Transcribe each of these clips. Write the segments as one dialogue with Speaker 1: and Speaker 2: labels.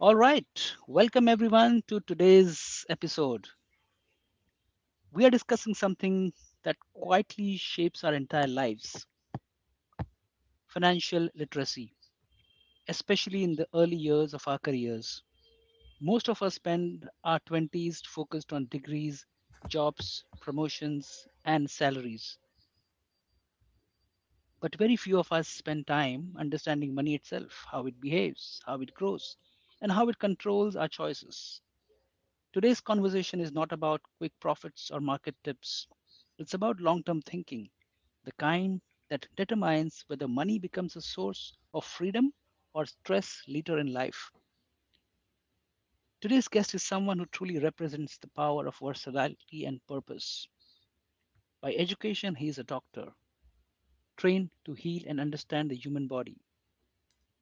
Speaker 1: All right, welcome everyone to today's episode. We are discussing something that quietly shapes our entire lives financial literacy, especially in the early years of our careers. Most of us spend our 20s focused on degrees, jobs, promotions, and salaries. But very few of us spend time understanding money itself, how it behaves, how it grows, and how it controls our choices. Today's conversation is not about quick profits or market tips. It's about long term thinking, the kind that determines whether money becomes a source of freedom or stress later in life. Today's guest is someone who truly represents the power of versatility and purpose. By education, he is a doctor, trained to heal and understand the human body.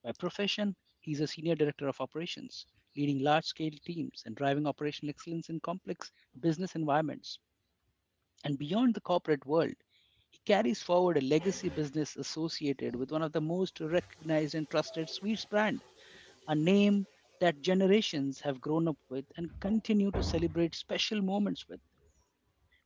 Speaker 1: By profession, he is a senior director of operations, leading large scale teams and driving operational excellence in complex business environments. And beyond the corporate world, he carries forward a legacy business associated with one of the most recognized and trusted sweets brand, a name that generations have grown up with and continue to celebrate special moments with.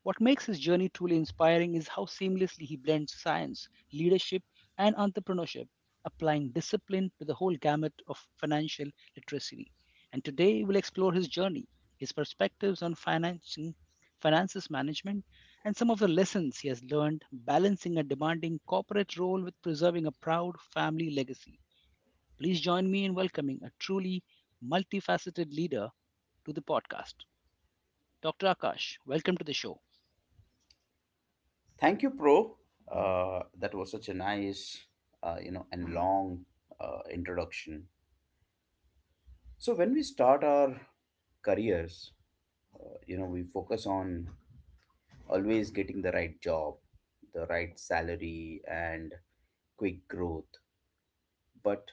Speaker 1: What makes his journey truly inspiring is how seamlessly he blends science, leadership, and entrepreneurship, applying discipline to the whole gamut of financial literacy. And today we'll explore his journey, his perspectives on financing, finances management, and some of the lessons he has learned balancing a demanding corporate role with preserving a proud family legacy. Please join me in welcoming a truly multifaceted leader to the podcast. Dr. Akash, welcome to the show.
Speaker 2: Thank you, Pro. That was such a nice, and long introduction. So when we start our careers, we focus on always getting the right job, the right salary, and quick growth. But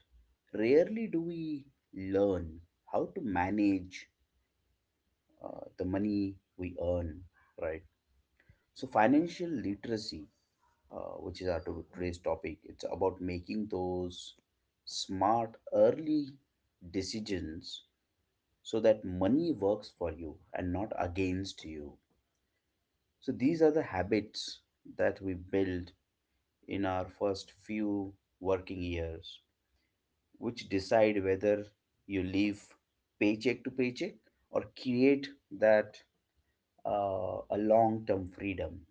Speaker 2: rarely do we learn how to manage the money we earn, right? So financial literacy, which is our today's topic. It's about making those smart early decisions so that money works for you and not against you. So these are the habits that we build in our first few working years, which decide whether you live paycheck to paycheck or create that a long term freedom.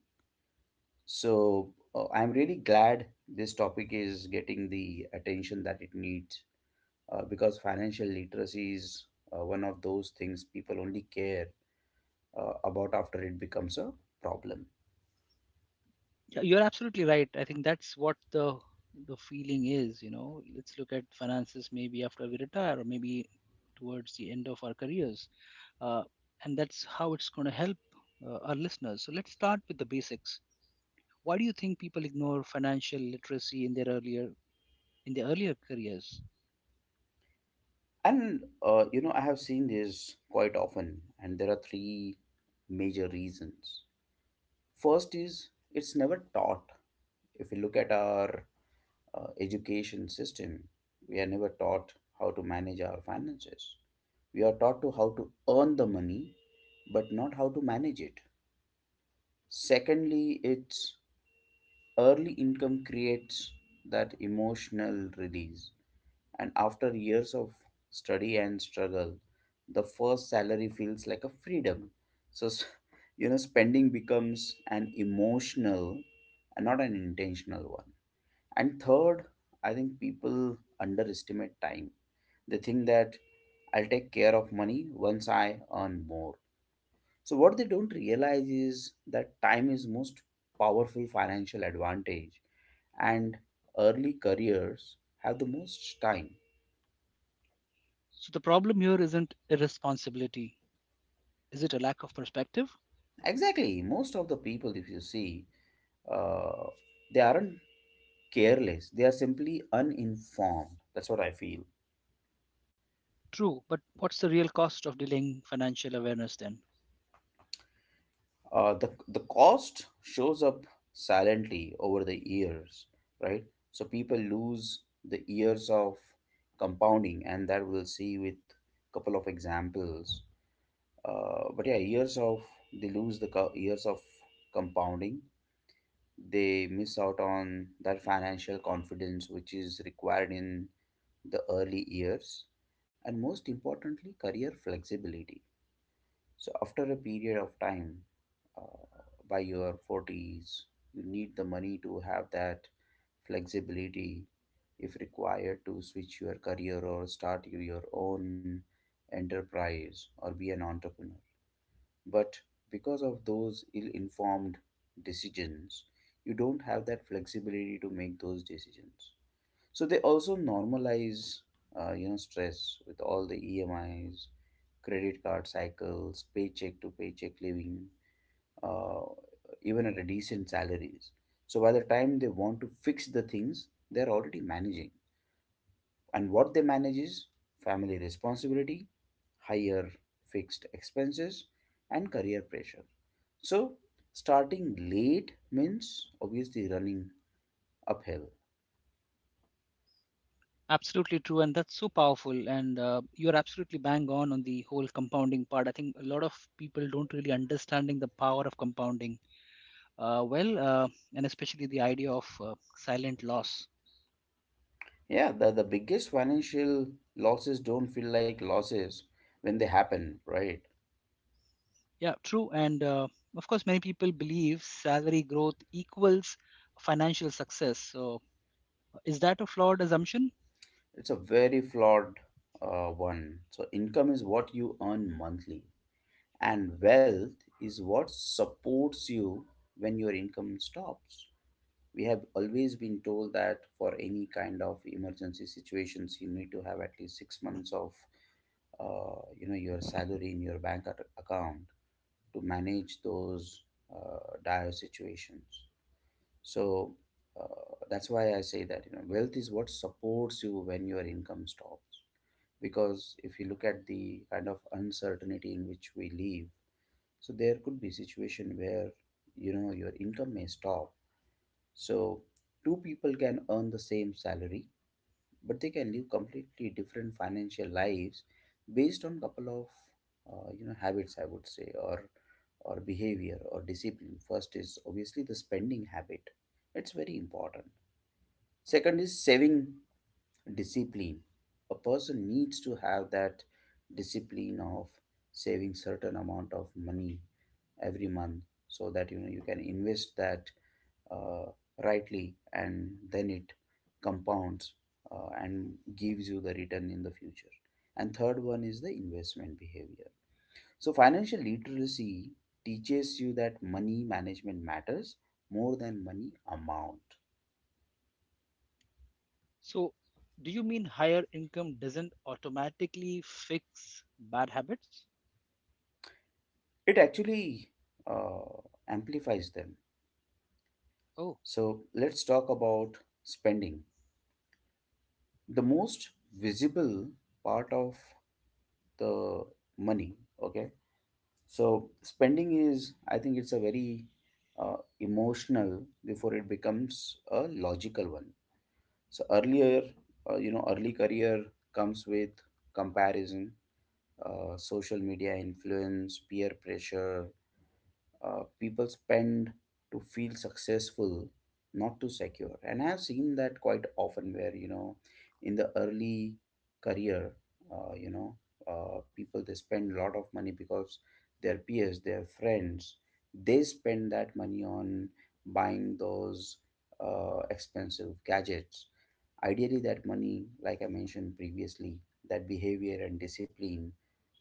Speaker 2: So I'm really glad this topic is getting the attention that it needs because financial literacy is one of those things people only care about after it becomes a problem.
Speaker 1: Yeah, you're absolutely right. I think that's what the feeling is, you know. Let's look at finances maybe after we retire or maybe towards the end of our careers. Uh, and that's how it's going to help our listeners. So let's start with the basics. Why do you think people ignore financial literacy in their earlier careers?
Speaker 2: I have seen this quite often, and there are three major reasons. First is it's never taught. If you look at our education system, we are never taught how to manage our finances. We are taught to how to earn the money, but not how to manage it. Secondly, it's early income creates that emotional release, and after years of study and struggle, the first salary feels like a freedom. So you know, spending becomes an emotional and not an intentional one. And third, I think people underestimate time. They think that I'll take care of money once I earn more. So what they don't realize is that time is most powerful financial advantage, and early careers have the most time.
Speaker 1: So the problem here isn't irresponsibility. Is it a lack of perspective?
Speaker 2: Exactly, most of the people if you see, uh, they aren't careless, they are simply uninformed. That's what I feel.
Speaker 1: True, but what's the real cost of delaying financial awareness then?
Speaker 2: The cost shows up silently over the years, right? So people lose the years of compounding, and that we'll see with couple of examples, but yeah, years of compounding. They miss out on that financial confidence which is required in the early years, and most importantly career flexibility. So after a period of time, uh, by your 40s you need the money to have that flexibility if required to switch your career or start your own enterprise or be an entrepreneur. But because of those ill informed decisions, you don't have that flexibility to make those decisions. So they also normalize, stress with all the EMIs, credit card cycles, paycheck to paycheck living, uh, even at a decent salaries. So by the time they want to fix the things, they're already managing. And what they manage is family responsibility, higher fixed expenses, and career pressure. So, starting late means obviously running uphill.
Speaker 1: Absolutely true, and that's so powerful. And you're absolutely bang on the whole compounding part. I think a lot of people don't really understanding the power of compounding. Uh, well, uh, and especially the idea of silent loss.
Speaker 2: Yeah, the biggest financial losses don't feel like losses when they happen, right?
Speaker 1: Yeah, true. And of course, many people believe salary growth equals financial success. So, is that a flawed assumption?
Speaker 2: It's a very flawed one. So, income is what you earn monthly, and wealth is what supports you when your income stops. We have always been told that for any kind of emergency situations you need to have at least 6 months of your salary in your account to manage those dire situations. So that's why I say that, you know, wealth is what supports you when your income stops, because if you look at the kind of uncertainty in which we live, so there could be situation where, you know, your income may stop. So, two people can earn the same salary, but they can live completely different financial lives based on couple of habits, I would say, or behavior or discipline. First is obviously the spending habit. It's very important. Second is saving discipline. A person needs to have that discipline of saving certain amount of money every month, so that, you know, you can invest that uh, rightly, and then it compounds, and gives you the return in the future. And third one is the investment behavior. So financial literacy teaches you that money management matters more than money amount.
Speaker 1: So, do you mean higher income doesn't automatically fix bad habits?
Speaker 2: It actually uh, amplifies them.
Speaker 1: Oh.
Speaker 2: So let's talk about spending, the most visible part of the money. Okay. So spending is, I think, it's a very emotional before it becomes a logical one. So earlier, early career comes with comparison, social media influence, peer pressure. People spend to feel successful, not to secure, and I've seen that quite often where, you know, in the early career, uh, you know people they spend a lot of money because their peers, their friends, they spend that money on buying those expensive gadgets. Ideally that money, like I mentioned previously, that behavior and discipline,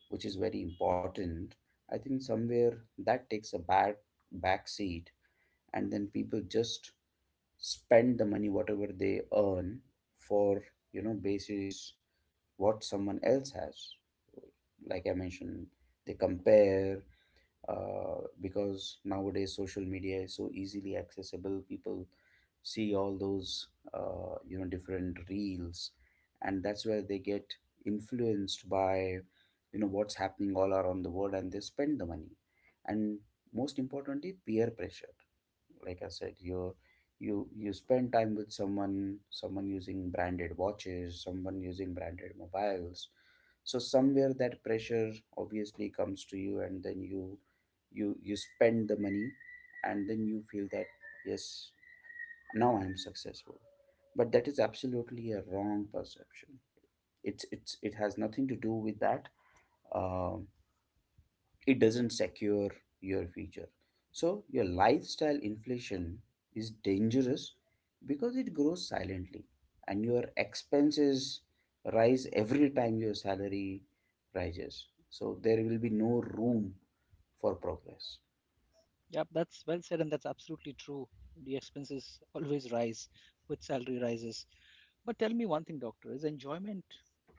Speaker 2: which is very important, I think somewhere that takes a bad back seat, and then people just spend the money whatever they earn for, you know, basis what someone else has. Like I mentioned, they compare, because nowadays social media is so easily accessible. People see all those different reels, and that's where they get influenced by, you know, what's happening all around the world, and they spend the money. And most importantly, peer pressure. Like I said, you spend time with someone, someone using branded watches, someone using branded mobiles. So somewhere that pressure obviously comes to you, and then you spend the money, and then you feel that yes, now I am successful. But that is absolutely a wrong perception. It has nothing to do with that. Um it doesn't secure your future. So, your lifestyle inflation is dangerous because it grows silently, and your expenses rise every time your salary rises. So, there will be no room for progress.
Speaker 1: Yep, that's well said, and that's absolutely true. The expenses always rise with salary rises. But tell me one thing, doctor, is enjoyment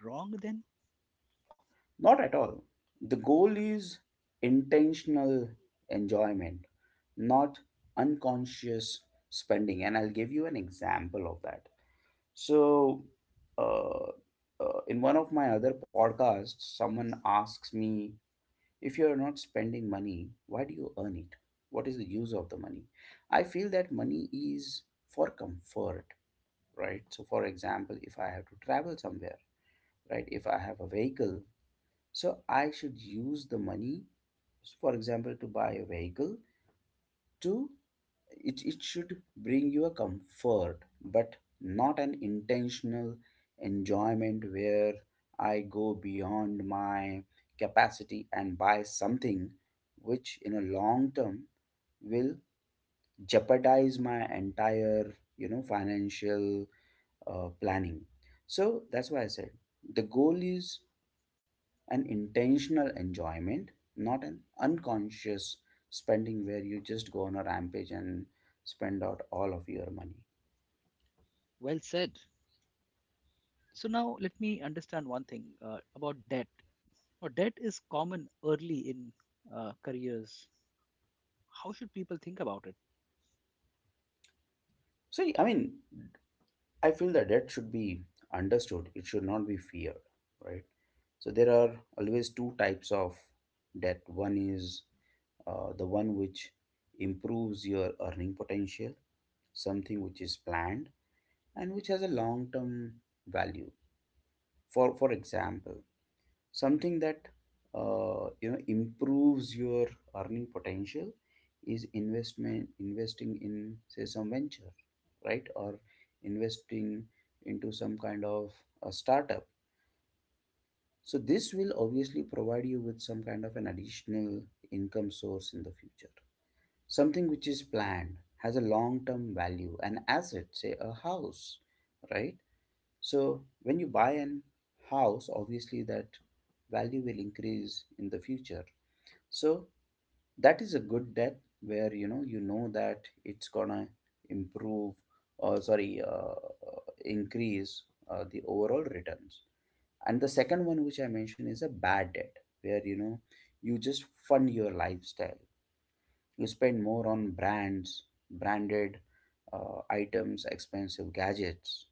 Speaker 1: wrong then?
Speaker 2: Not at all. The goal is intentional enjoyment, not unconscious spending. And I'll give you an example of that. So, uh, in one of my other podcasts, someone asks me, if you're not spending money, why do you earn it? What is the use of the money? I feel that money is for comfort, right? So, for example, if I have to travel somewhere, right? If I have a vehicle, so I should use the money, for example, to buy a vehicle to it should bring you a comfort, but not an intentional enjoyment where I go beyond my capacity and buy something which in a long term will jeopardize my entire, you know, financial planning. So that's why I said the goal is an intentional enjoyment, not an unconscious spending where you just go on a rampage and spend out all of your money.
Speaker 1: Well said. So now let me understand one thing about debt. Now, debt is common early in careers. How should people think about it?
Speaker 2: So, I mean, I feel that debt should be understood, it should not be feared, right? So, there are always two types of debt. One is the one which improves your earning potential, something which is planned and which has a long term value. For example, something that improves your earning potential is investment investing in say some venture, right? Or investing into some kind of a startup. So this will obviously provide you with some kind of an additional income source in the future. Something which is planned, has a long term value, an asset, say a house, right? So when you buy an house, obviously that value will increase in the future. So that is a good debt where, you know, you know that it's gonna improve or sorry increase the overall returns. And the second one which I mentioned is a bad debt where, you know, you just fund your lifestyle. You spend more on brands, branded items, expensive gadgets,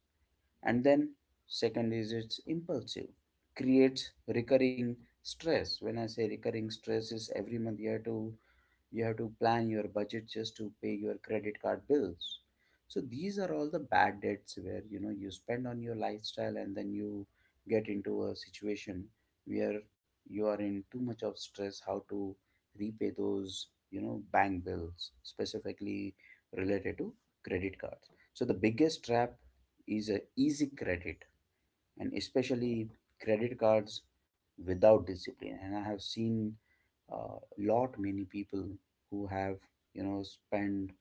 Speaker 2: and then second is it's impulsive, creates recurring stress. When I say recurring stress is every month you have to plan your budget just to pay your credit card bills. So these are all the bad debts where you know you spend on your lifestyle and then you get into a situation where you are in too much of stress how to repay those, you know, bank bills specifically related to credit cards. So the biggest trap is a easy credit, and especially credit cards without discipline. And I have seen lot many people who have, you know, spend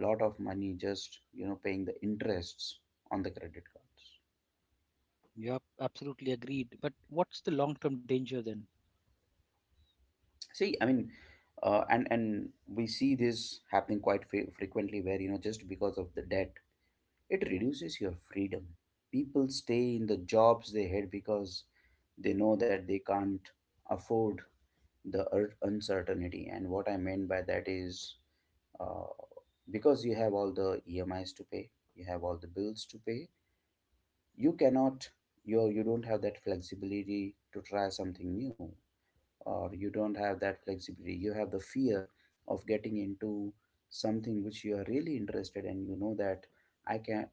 Speaker 2: lot of money just, you know, paying the interests on the credit cards.
Speaker 1: Yep, absolutely agreed. But what's the long term danger then?
Speaker 2: See, I mean, and we see this happening quite frequently, where you know just because of the debt, it reduces your freedom. People stay in the jobs they hate because they know that they can't afford the uncertainty. And what I meant by that is, uh, because you have all the EMIs to pay, you have all the bills to pay, you cannot, you don't have that flexibility to try something new. Or you don't have that flexibility, you have the fear of getting into something which you are really interested, and you know that I can,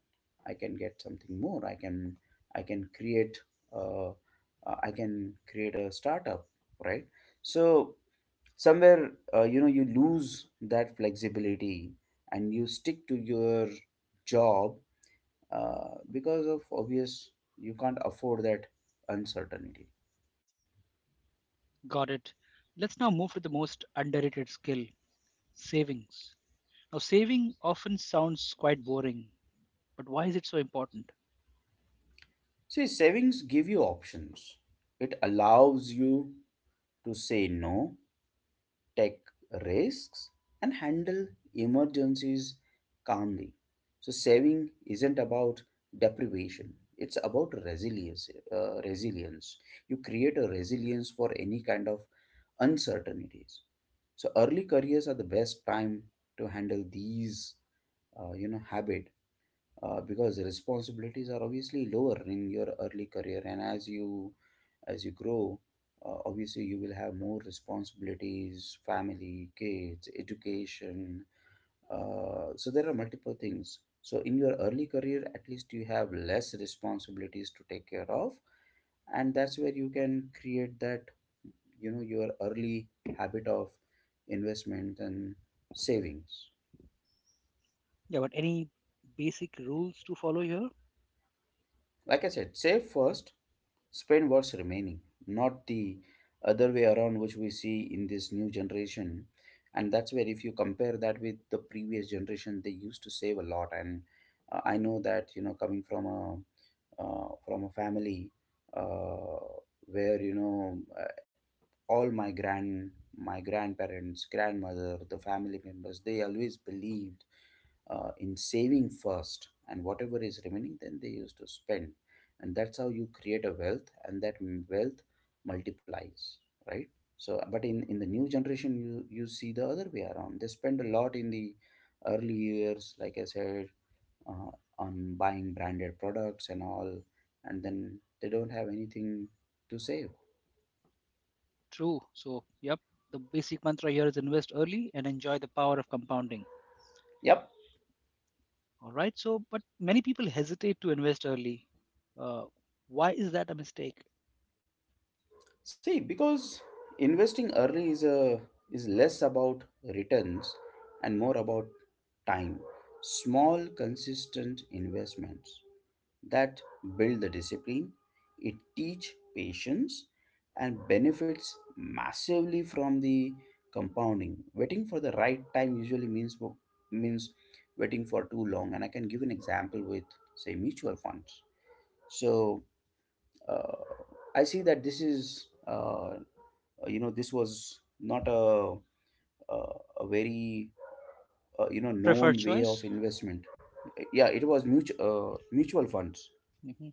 Speaker 2: I can get something more, I can, I can create, I can create a startup, right? So somewhere, you know, you lose that flexibility and you stick to your job, because of obvious you can't afford that uncertainty.
Speaker 1: Got it. Let's now move to the most underrated skill savings. Now, saving often sounds quite boring, but why is it so important?
Speaker 2: See, savings give you options. It allows you to say no, take risks, and handle emergencies calmly. So saving isn't about deprivation, it's about resilience. Resilience, you create a resilience for any kind of uncertainties. So early careers are the best time to handle these, you know, habit, because the responsibilities are obviously lower in your early career, and as you grow, obviously you will have more responsibilities, family, kids, education. So there are multiple things. So in your early career, at least you have less responsibilities to take care of, and that's where you can create that, you know, your early habit of investment and savings.
Speaker 1: Yeah, but any basic rules to follow here?
Speaker 2: Like I said, save first, spend what's remaining, not the other way around, which we see in this new generation. And that's where if you compare that with the previous generation, they used to save a lot. And I know that, you know, coming from a family, where you know all my grand my grandparents, grandmother, the family members, they always believed, in saving first and whatever is remaining then they used to spend. And that's how you create a wealth, and that wealth multiplies, right? So, but in the new generation, you see the other way around. They spend a lot in the early years, like I said, uh, on buying branded products and all. And then they don't have anything to save.
Speaker 1: True. So, yep, the basic mantra here is invest early and enjoy the power of compounding.
Speaker 2: Yep.
Speaker 1: All right. So, but many people hesitate to invest early. Uh, why is that a mistake?
Speaker 2: See, because investing early is a is less about returns and more about time. Small, consistent investments that build the discipline, it teach patience and benefits massively from the compounding. Waiting for the right time usually means means waiting for too long. And I can give an example with say mutual funds. So, uh, I see that this is you know, this was not a a, a very, you know,
Speaker 1: Preferred
Speaker 2: known way of
Speaker 1: choice?
Speaker 2: investment. Yeah, it was mutual mutual funds.
Speaker 1: Hmm.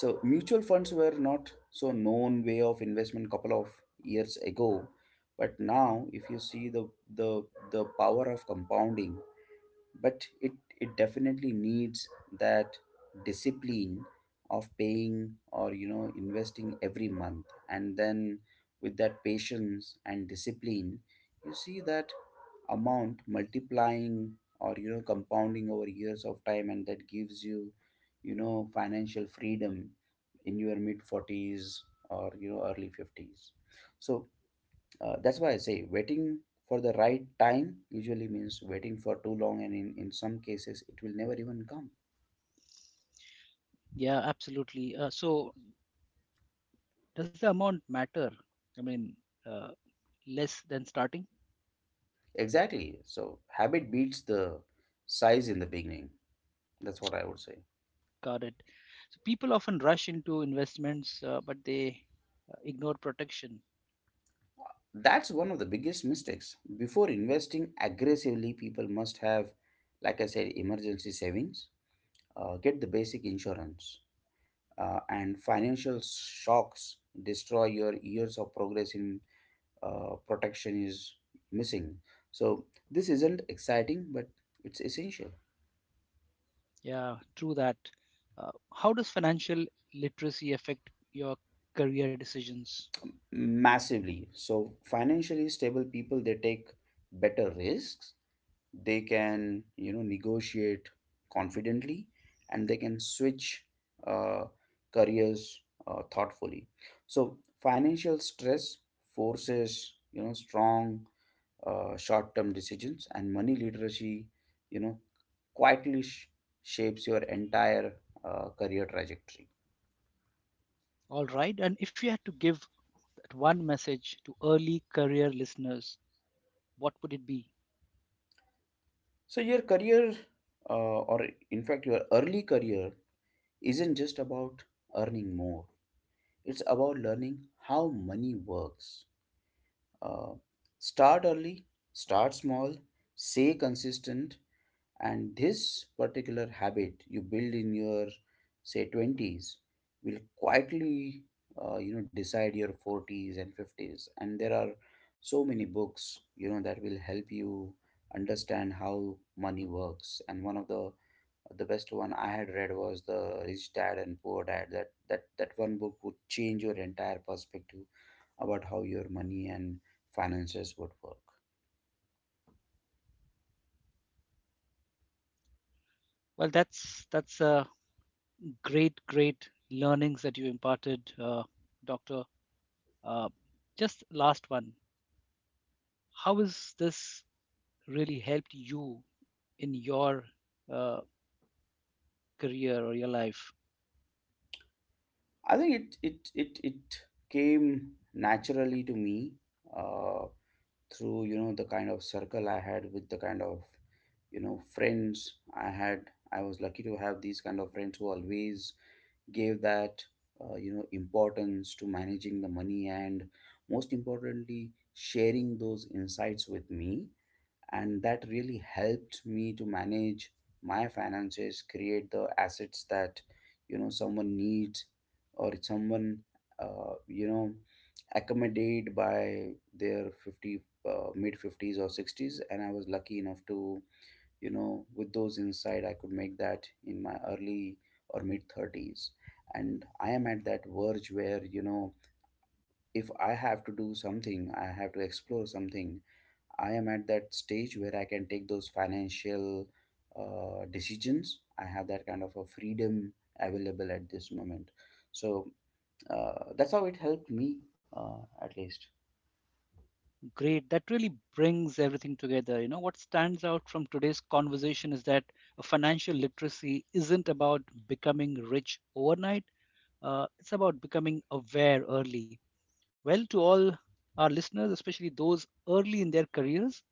Speaker 2: So mutual funds were not so known way of investment couple of years ago, but now if you see the the power of compounding. But it definitely needs that discipline of paying, or you know, investing every month. And then with that patience and discipline, you see that amount multiplying or, you know, compounding over years of time. And that gives you, you know, financial freedom in your mid 40s or, you know, early 50s. So that's why I say waiting for the right time usually means waiting for too long, and in some cases, it will never even come.
Speaker 1: Yeah, absolutely. So, does the amount matter? I mean, uh, less than starting?
Speaker 2: Exactly. So habit beats the size in the beginning. That's what I would say.
Speaker 1: Got it. So people often rush into investments, but they ignore protection.
Speaker 2: That's one of the biggest mistakes. Before investing aggressively, people must have, like I said, emergency savings, get the basic insurance, and financial shocks destroy your years of progress in protection is missing. So this isn't exciting, but it's essential.
Speaker 1: Yeah, true that. How does financial literacy affect your career decisions?
Speaker 2: Massively. So financially stable people, they take better risks. They can, you know, negotiate confidently, and they can switch uh, careers thoughtfully. So financial stress forces, you know, strong short-term decisions, and money literacy, you know, quietly shapes your entire career trajectory.
Speaker 1: All right. And if you had to give that one message to early career listeners, what would it be?
Speaker 2: So your career, uh, or in fact your early career, isn't just about earning more. It's about learning how money works. Uh, start early, start small, stay consistent. And this particular habit you build in your say 20s will quietly, you know, decide your 40s and 50s. And there are so many books, you know, that will help you understand how money works. And one of the best one I had read was the Rich Dad and Poor Dad. That one book would change your entire perspective about how your money and finances would work.
Speaker 1: Well, that's a great learnings that you imparted, Doctor. Uh, just last one. How has this really helped you in your uh, career or your life?
Speaker 2: I think it came naturally to me, uh, through, you know, the kind of circle I had, with the kind of, you know, friends I had. I was lucky to have these kind of friends who always gave that, you know, importance to managing the money, and most importantly sharing those insights with me. And that really helped me to manage my finances, create the assets that, you know, someone needs, or someone, you know, accommodate by their 50, mid 50s or 60s. And I was lucky enough to, you know, with those insight, I could make that in my early or mid 30s. And I am at that verge where, you know, if I have to do something, I have to explore something, I am at that stage where I can take those financial, decisions. I have that kind of a freedom available at this moment. So that's how it helped me, at least.
Speaker 1: Great. That really brings everything together. You know, what stands out from today's conversation is that financial literacy isn't about becoming rich overnight, it's about becoming aware early. Well, to all our listeners, especially those early in their careers,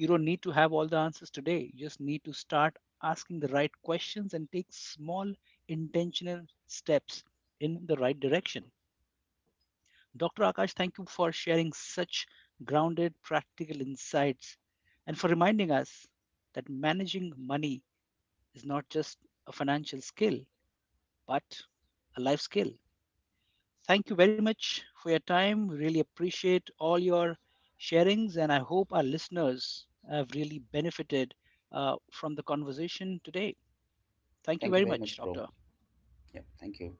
Speaker 1: you don't need to have all the answers today. You just need to start asking the right questions and take small intentional steps in the right direction. Dr. Akash, thank you for sharing such grounded, practical insights and for reminding us that managing money is not just a financial skill, but a life skill. Thank you very much for your time. Really appreciate all your sharings, and I hope our listeners have really benefited from the conversation today.
Speaker 2: Thank
Speaker 1: Thank
Speaker 2: you
Speaker 1: you very
Speaker 2: very much,
Speaker 1: much,
Speaker 2: bro.
Speaker 1: Doctor.
Speaker 2: Yeah, thank you.